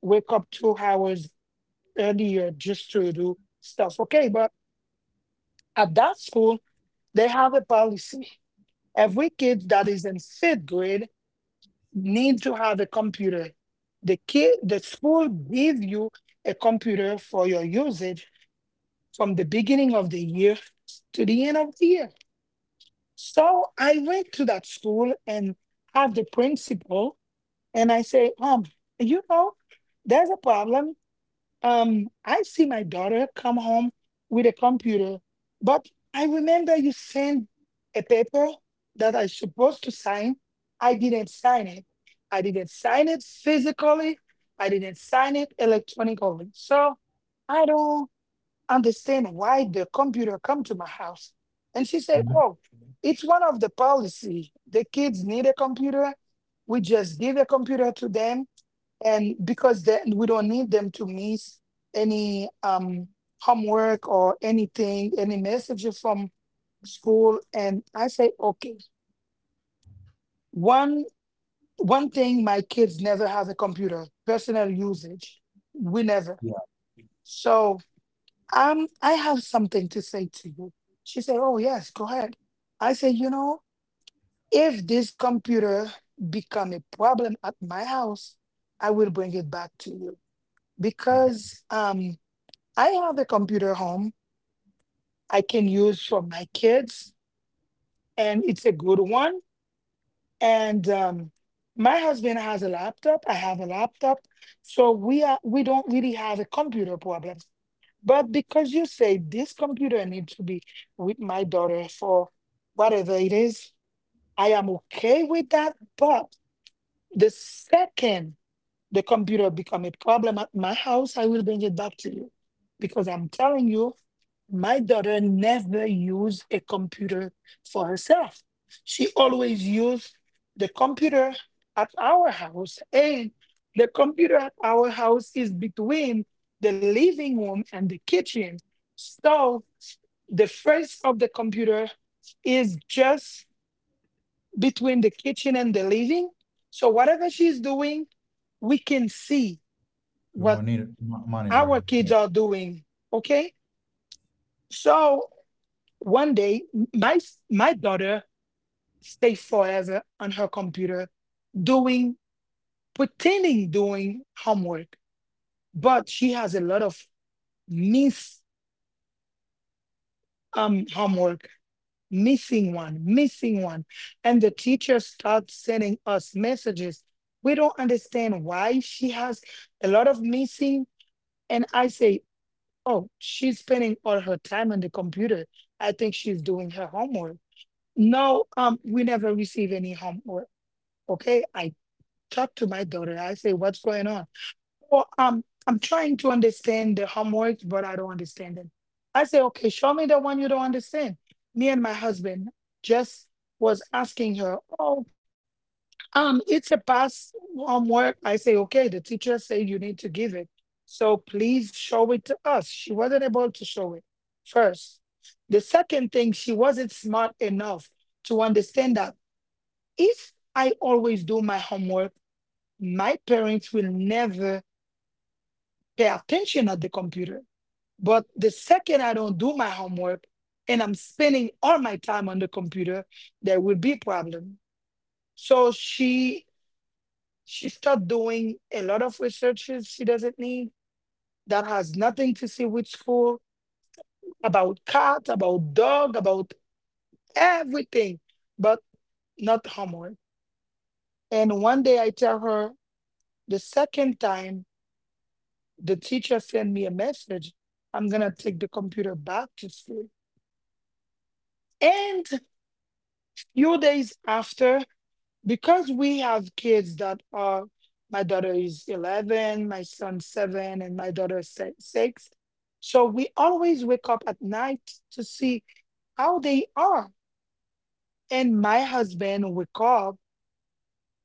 B: wake up two hours earlier just to do stuff. Okay, but at that school, they have a policy. Every kid that is in fifth grade need to have a computer. The kid, the school give you a computer for your usage from the beginning of the year to the end of the year. So I went to that school and have the principal, and I say, um, you know, there's a problem. Um, I see my daughter come home with a computer, but I remember you sent a paper that I supposed to sign. I didn't sign it. I didn't sign it physically. I didn't sign it electronically. So I don't understand why the computer come to my house. And she said,
A: Hmm.
B: oh, it's one of the policy. The kids need a computer. We just give a computer to them, and because then we don't need them to miss any um, homework or anything, any messages from school. And I say, okay, one one thing my kids never have a computer, personal usage. We never.
A: Yeah.
B: So um, I have something to say to you. She said, oh yes, go ahead. I say, you know, if this computer become a problem at my house, I will bring it back to you
A: Okay.
B: because um, I have a computer home I can use for my kids, and it's a good one. And um, my husband has a laptop. I have a laptop, so we are, we don't really have a computer problem. But because you say this computer needs to be with my daughter for whatever it is, I am okay with that. But the second the computer become a problem at my house, I will bring it back to you. Because I'm telling you, my daughter never used a computer for herself. She always used the computer at our house. And the computer at our house is between the living room and the kitchen. So the face of the computer is just between the kitchen and the living. So whatever she's doing, we can see
A: You're
B: what
A: monitor mo-
B: our
A: monitoring. Yeah.
B: kids are doing. Okay. So one day, m- my s- my daughter stays forever on her computer doing pretending doing homework, but she has a lot of miss um homework, missing one, missing one, and the teacher starts sending us messages. We don't understand why she has a lot of missing. And I say, oh, she's spending all her time on the computer. I think she's doing her homework. No, um, we never receive any homework. Okay. I talk to my daughter. I say, what's going on? Or um, I'm trying to understand the homework, but I don't understand it. I say, okay, show me the one you don't understand. Me and my husband just was asking her. Oh. Um, it's a pass homework. I say, okay, the teacher say you need to give it. So please show it to us. She wasn't able to show it first. The second thing, she wasn't smart enough to understand that if I always do my homework, my parents will never pay attention at the computer. But the second I don't do my homework and I'm spending all my time on the computer, there will be problem. So she She started doing a lot of researches she doesn't need that has nothing to see with school, about cat, about dog, about everything, but not homework. And one day I tell her, the second time the teacher sent me a message, I'm gonna take the computer back to school. And few days after, because we have kids that are, my daughter is eleven, my son seven, and my daughter is si- six, so we always wake up at night to see how they are. And my husband wake up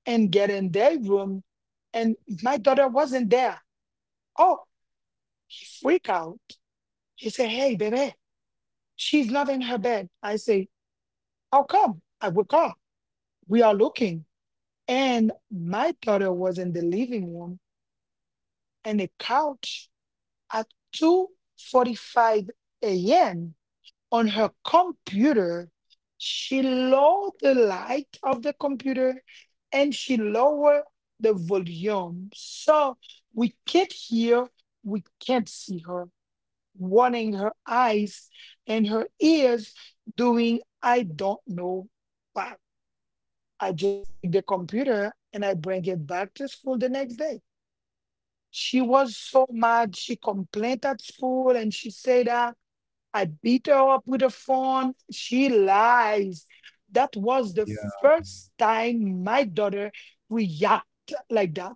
B: and get in their room, and my daughter wasn't there. Oh, he freak out. He said, hey baby, she's not in her bed. I say, how come? I wake up, we are looking, and my daughter was in the living room and a couch at two forty-five a m on her computer. She lowered the light of the computer and she lowered the volume. So we can't hear, we can't see her, warning her eyes and her ears, doing I don't know what. I just take the computer and I bring it back to school the next day. She was so mad. She complained at school and she said that I beat her up with a phone. She lies. That was the
A: Yeah.
B: first time my daughter reacted like that.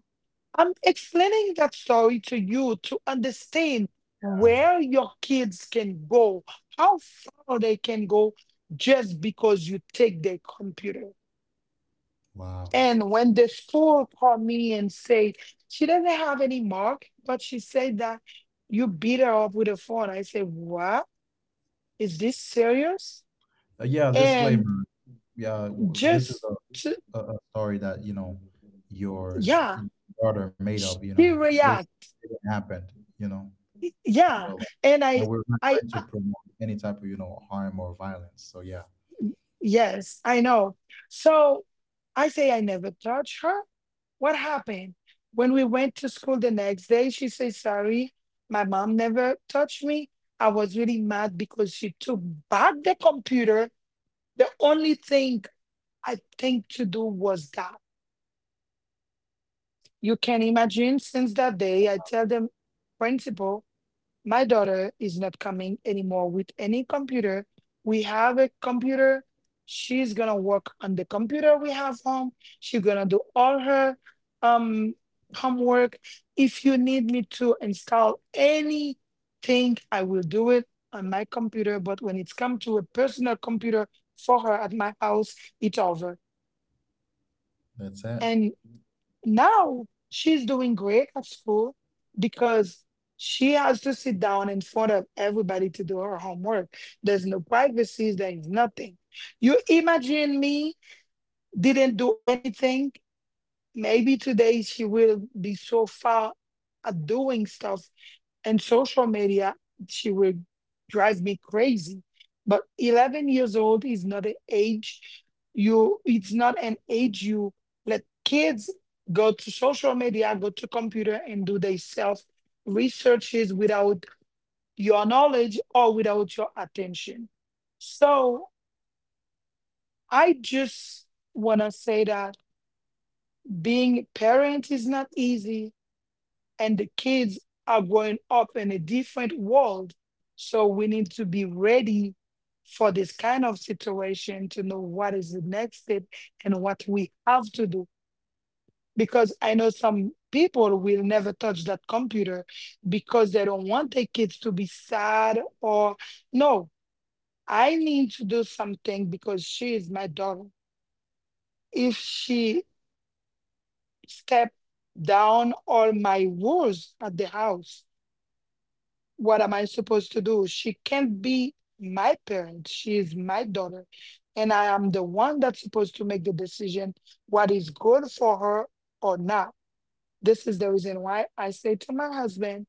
B: I'm explaining that story to you to understand where your kids can go, how far they can go just because you take their computer.
A: Wow.
B: And when the school called me and said she doesn't have any mark, but she said that you beat her up with a phone, I said, what? Is this serious?
A: Uh, yeah.
B: And
A: Disclaimer. Yeah. w- This is
B: just,
A: a,
B: ju-
A: a, a story that, you know, your uh,
B: yeah,
A: daughter made up.
B: she
A: You know this
B: react,
A: didn't happen. You know.
B: yeah.
A: Will.
B: And I
A: And we're not
B: I
A: trying to
B: uh,
A: promote any type of, you know, harm or violence. So yeah,
B: yes, I know. So I say, I never touch her. What happened, when we went to school the next day, she said sorry, my mom never touched me. I was really mad because she took back the computer. The only thing I think to do was that, you can imagine, since that day I tell them principal, my daughter is not coming anymore with any computer. We have a computer. She's gonna work on the computer we have home. She's gonna do all her um homework. If you need me to install anything, I will do it on my computer. But when it's come to a personal computer for her at my house, it's over.
A: that's it.
B: And now she's doing great at school because she has to sit down in front of everybody to do her homework. There's no privacy, there is nothing. You imagine me didn't do anything. Maybe today she will be so far at doing stuff and social media, she will drive me crazy. But eleven years old is not an age, you, it's not an age you let kids go to social media, go to computer, and do their self researches without your knowledge or without your attention. So I just want to say that being a parent is not easy, and the kids are growing up in a different world. So we need to be ready for this kind of situation to know what is the next step and what we have to do. Because I know some people will never touch that computer because they don't want their kids to be sad or, no, I need to do something because she is my daughter. If she step down all my rules at the house, what am I supposed to do? She can't be my parent. She is my daughter. And I am the one that's supposed to make the decision what is good for her or not. This is the reason why I say to my husband,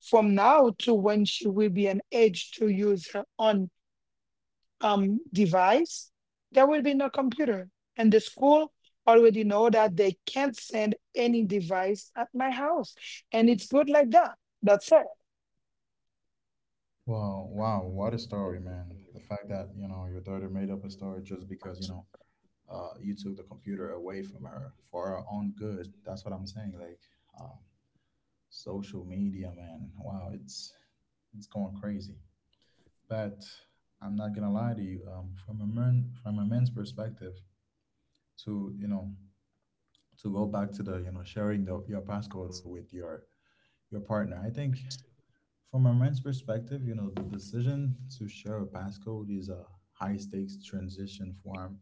B: from now to when she will be an age to use her own um, device, there will be no computer. And the school already know that they can't send any device at my house. And it's good like that. That's
A: Well, wow, what a story, man. The fact that, you know, your daughter made up a story just because, you know, uh, you took the computer away from her for her own good. That's what I'm saying. Like, um, social media, man. Wow, it's it's going crazy. But I'm not gonna lie to you. Um, from a man, from a man's perspective, to, you know, to go back to the, you know, sharing the, your passcode with your your partner. I think from a man's perspective, you know, the decision to share a passcode is a high stakes transition form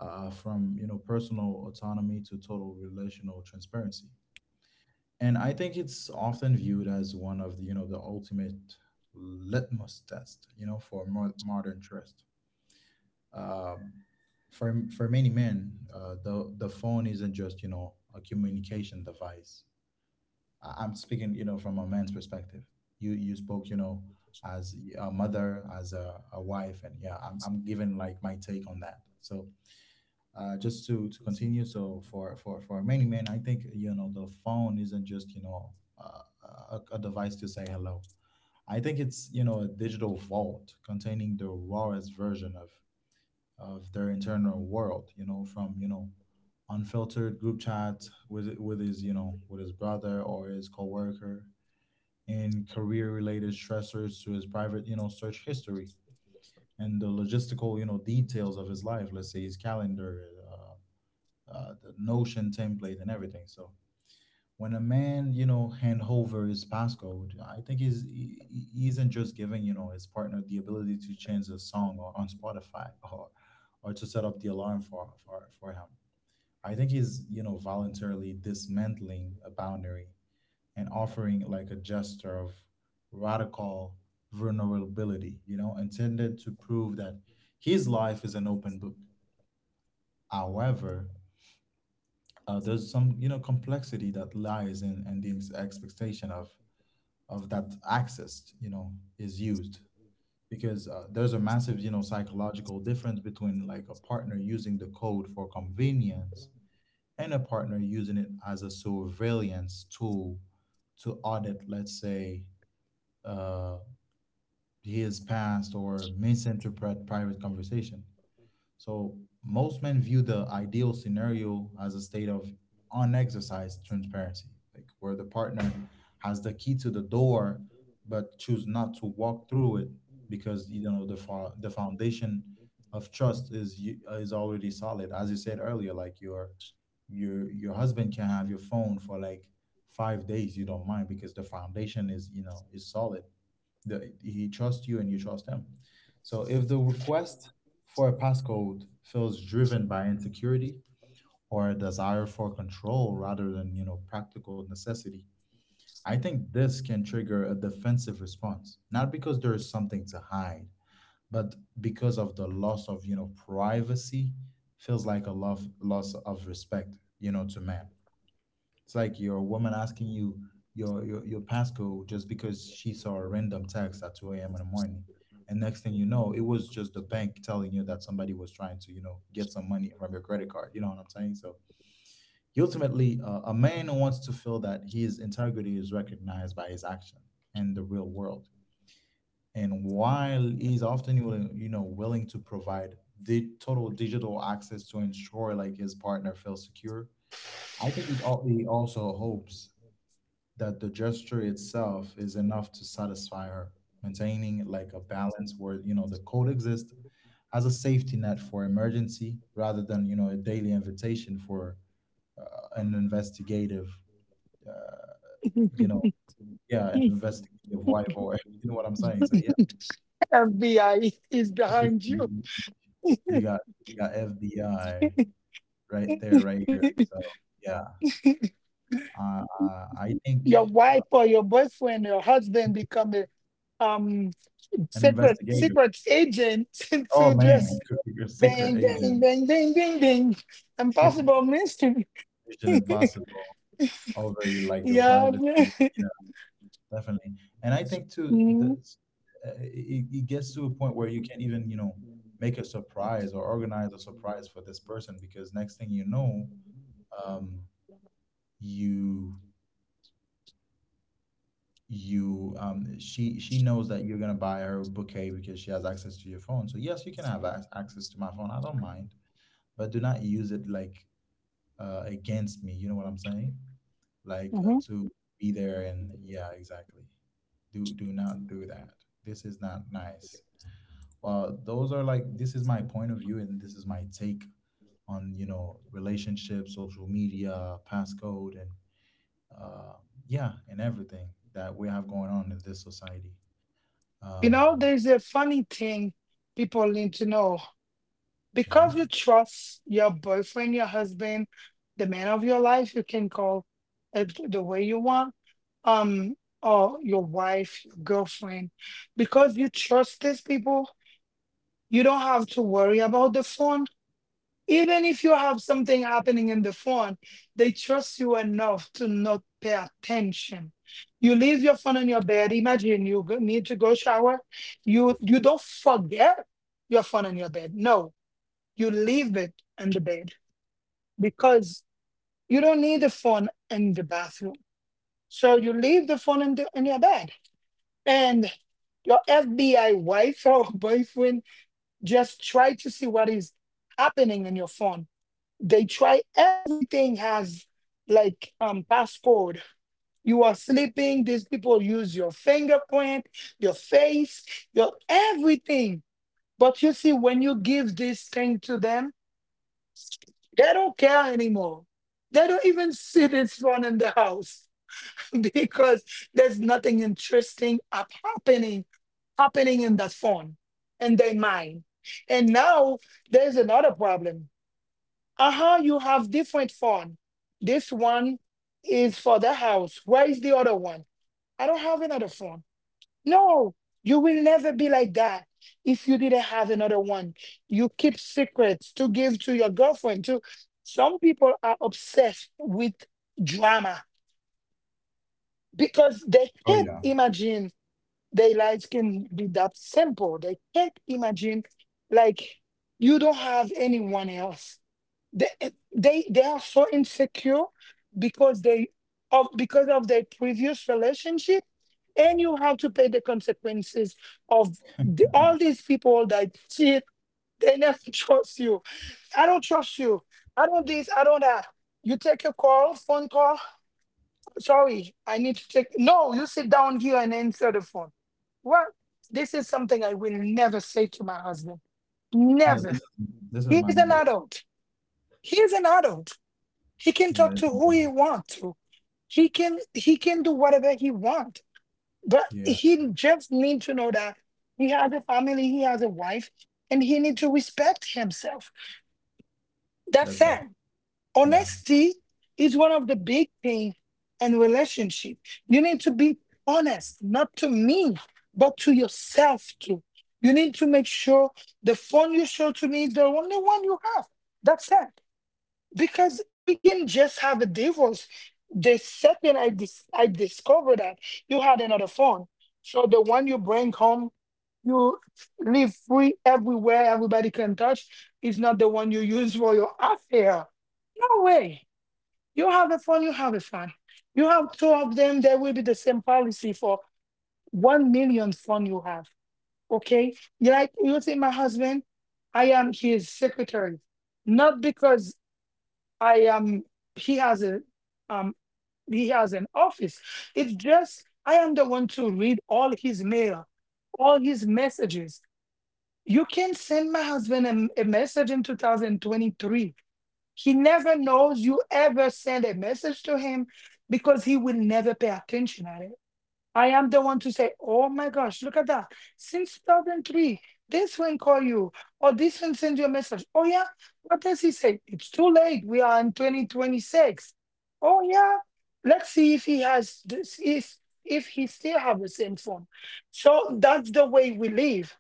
A: uh, from, you know, personal autonomy to total relational transparency. And I think it's often viewed as one of the, you know, the ultimate litmus test, you know, for more modern trust. Um, for, for many men, uh, the, the phone isn't just, you know, a communication device. I- I'm speaking, you know, from a man's perspective. You you spoke, you know, as a mother, as a, a wife, and yeah, I'm I'm giving like my take on that. So uh, just to to continue, so for for for many men, I think, you know, the phone isn't just, you know, uh, a, a device to say hello. I think it's, you know, a digital vault containing the rawest version of of their internal world. You know, from, you know, unfiltered group chat with with his, you know, with his brother or his coworker and career related stressors to his private, you know, search history and the logistical, you know, details of his life, let's say his calendar, uh, uh, the notion template and everything. So when a man, you know, hand over his passcode, I think he's he he isn't just giving, you know, his partner the ability to change a song on on Spotify or or to set up the alarm for for for him. I think he's, you know, voluntarily dismantling a boundary and offering like a gesture of radical vulnerability, you know, intended to prove that his life is an open book. However, uh, there's some, you know, complexity that lies in, in the ex- expectation of of that access, you know, is used. Because uh, there's a massive, you know, psychological difference between like a partner using the code for convenience and a partner using it as a surveillance tool to audit, let's say, uh, his past or misinterpret private conversation. So most men view the ideal scenario as a state of unexercised transparency, like where the partner has the key to the door but choose not to walk through it because, you know, the fo- the foundation of trust is u- is already solid. As you said earlier, like your your your husband can have your phone for like five days, you don't mind because the foundation is, you know, is solid. The, he trusts you and you trust him. So if the request for a passcode feels driven by insecurity or a desire for control rather than, you know, practical necessity, I think this can trigger a defensive response, not because there is something to hide, but because of the loss of, you know, privacy feels like a love, loss of respect, you know, to man. It's like your woman asking you your, your your passcode just because she saw a random text at two a m in the morning. And next thing you know, it was just the bank telling you that somebody was trying to, you know, get some money from your credit card. You know what I'm saying? So ultimately, uh, a man wants to feel that his integrity is recognized by his action in the real world. And while he's often, willing- you know, willing to provide the total digital access to ensure like his partner feels secure, I think it, al- he also hopes that the gesture itself is enough to satisfy her, maintaining like a balance where, you know, the code exists as a safety net for emergency rather than, you know, a daily invitation for uh, an investigative, uh, you know,
B: it.
A: yeah, an investigative wife or (laughs) you know what I'm saying. So yeah,
B: (laughs) F B I is, is
A: (laughs)
B: behind you.
A: you you got you got F B I right there, right here. So yeah, uh, uh, I
B: (laughs)
A: think
B: Your wife or your boyfriend, your husband become a um
A: an
B: secret
A: investigative.
B: secret agent (laughs)
A: Oh
B: to
A: man,
B: just
A: (laughs) your secret
B: bang bang
A: agent.
B: bang bang bang bang, impossible
A: (laughs)
B: mission.
A: Mission Impossible. Over your,
B: (laughs)
A: like your
B: Yeah.
A: privacy. You
B: (laughs)
A: know, definitely. And I think too, the,
B: Mm-hmm.
A: uh, it, it gets to a point where you can't even, you know, make a surprise or organize a surprise for this person because next thing you know, um, you you um she she knows that you're gonna buy her a bouquet because she has access to your phone. So yes, you can have ac- access to my phone, I don't mind, but do not use it like uh, against me. You know what I'm saying? Like uh, to be there and yeah, exactly. Do do not do that. This is not nice. Well, those are like, this is my point of view and this is my take on, you know, relationships, social media, passcode, and uh, yeah, and everything that we have going on in this society.
B: You
A: Um,
B: know, there's a funny thing people need to know. Because you
A: mhm.
B: trust your boyfriend, your husband, the man of your life, you can call it the way you want, um, or your wife, your girlfriend. Because you trust these people, you don't have to worry about the phone. Even if you have something happening in the phone, they trust you enough to not pay attention. You leave your phone on your bed. Imagine you go- need to go shower. You you don't forget your phone on your bed. No, you leave it in the bed because you don't need the phone in the bathroom. So you leave the phone in, the, in your bed. And your F B I wife or (laughs) boyfriend just try to see what is happening in your phone. They try everything has like um passcode. You are sleeping, these people use your fingerprint, your face, your everything. But you see, when you give this thing to them, they don't care anymore. They don't even sit in front in the house (laughs) because there's nothing interesting up happening happening in that phone in their mind. And now there's another problem. Uh-huh, you have different phone. This one is for the house. Where is the other one? I don't have another phone. No, you will never be like that if you didn't have another one. You keep secrets to give to your girlfriend too. Some people are obsessed with drama because they
A: Oh
B: can't
A: yeah,
B: imagine their lives can be that simple. They can't imagine, like, you don't have anyone else. They they, they are so insecure because they of because of their previous relationship, and you have to pay the consequences of the, all these people that cheat. They never (laughs) trust you. I don't trust you. I don't this. I don't that. You take a call, phone call, sorry, I need to take. No, you sit down here and answer the phone. Well, this is something I will never say to my husband.
A: yeah. This
B: Never.
A: is this is
B: He is an
A: manipulative.
B: adult. He is an adult. He can
A: Yeah,
B: talk to
A: it's,
B: who he wants to. He can he can do whatever he wants. But
A: yeah.
B: he just needs to know that he has a family, he has a wife, and he needs to respect himself. That's
A: That's it.
B: it.
A: Yeah.
B: Honesty is one of the big things in relationship. You need to be honest, not to me, but to yourself too. You need to make sure the phone you show to me is the only one you have. That's it. Because we can just have a divorce. The second I dis- I discovered that you had another phone, so the one you bring home, you leave free everywhere, everybody can touch, is not the one you use for your affair. No way. You have a fund, you have a fund. You have two of them, there will be the same policy for one million fund you have. Okay? You like, you see my husband, I am his secretary. Not because I am he has a um he has an office. It's just I am the one to read all his mail, all his messages. You can send my husband a, a message in two thousand twenty-three, he never knows you ever send a message to him because he will never pay attention at it. I am the one to say, oh my gosh, look at that. Since two thousand three, this one call you or this one send you a message. Oh yeah, what does he say? It's too late. We are in twenty twenty-six. Oh yeah, let's see if he has this, if, if he still have the same phone. So that's the way we live,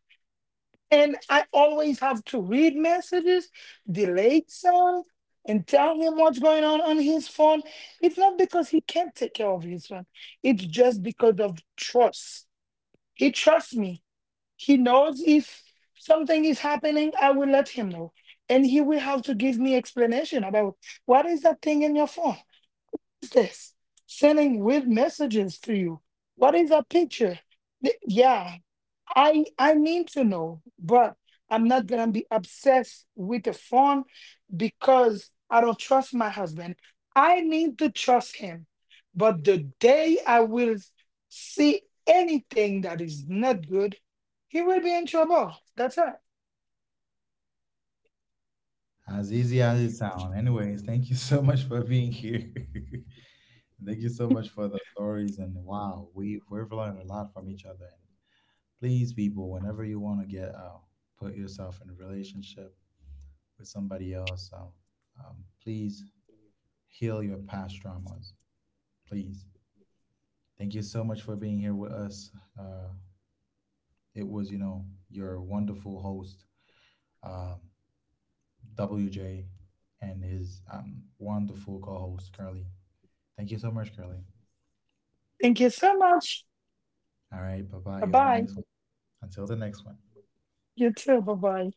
B: and I always have to read messages, delete some, and tell him what's going on on his phone. It's not because he can't take care of his phone, it's just because of trust. He trusts me. He knows if something is happening, I will let him know. And he will have to give me explanation about, what is that thing in your phone? Is this sending weird messages to you? What is that picture? Th- Yeah, I I need to know, but I'm not gonna be obsessed with the phone because I don't trust my husband. I need to trust him. But the day I will see anything that is not good, he will be in trouble. That's it.
A: As easy as it sounds. Anyways, thank you (laughs) so much for being here. (laughs) Thank you so much for the stories. And wow, we, we've learned a lot from each other. And please, people, whenever you want to get out, put yourself in a relationship with somebody else, um, um, please heal your past traumas. Please. Thank you so much for being here with us. Uh, it was, you know, your wonderful host, um, W J, and his um, wonderful co host, Curly. Thank you so much, Curly.
B: Thank you so much.
A: All right. Bye bye. You
B: Bye
A: have a nice
B: bye.
A: one. Until the next one.
B: You too. Bye bye.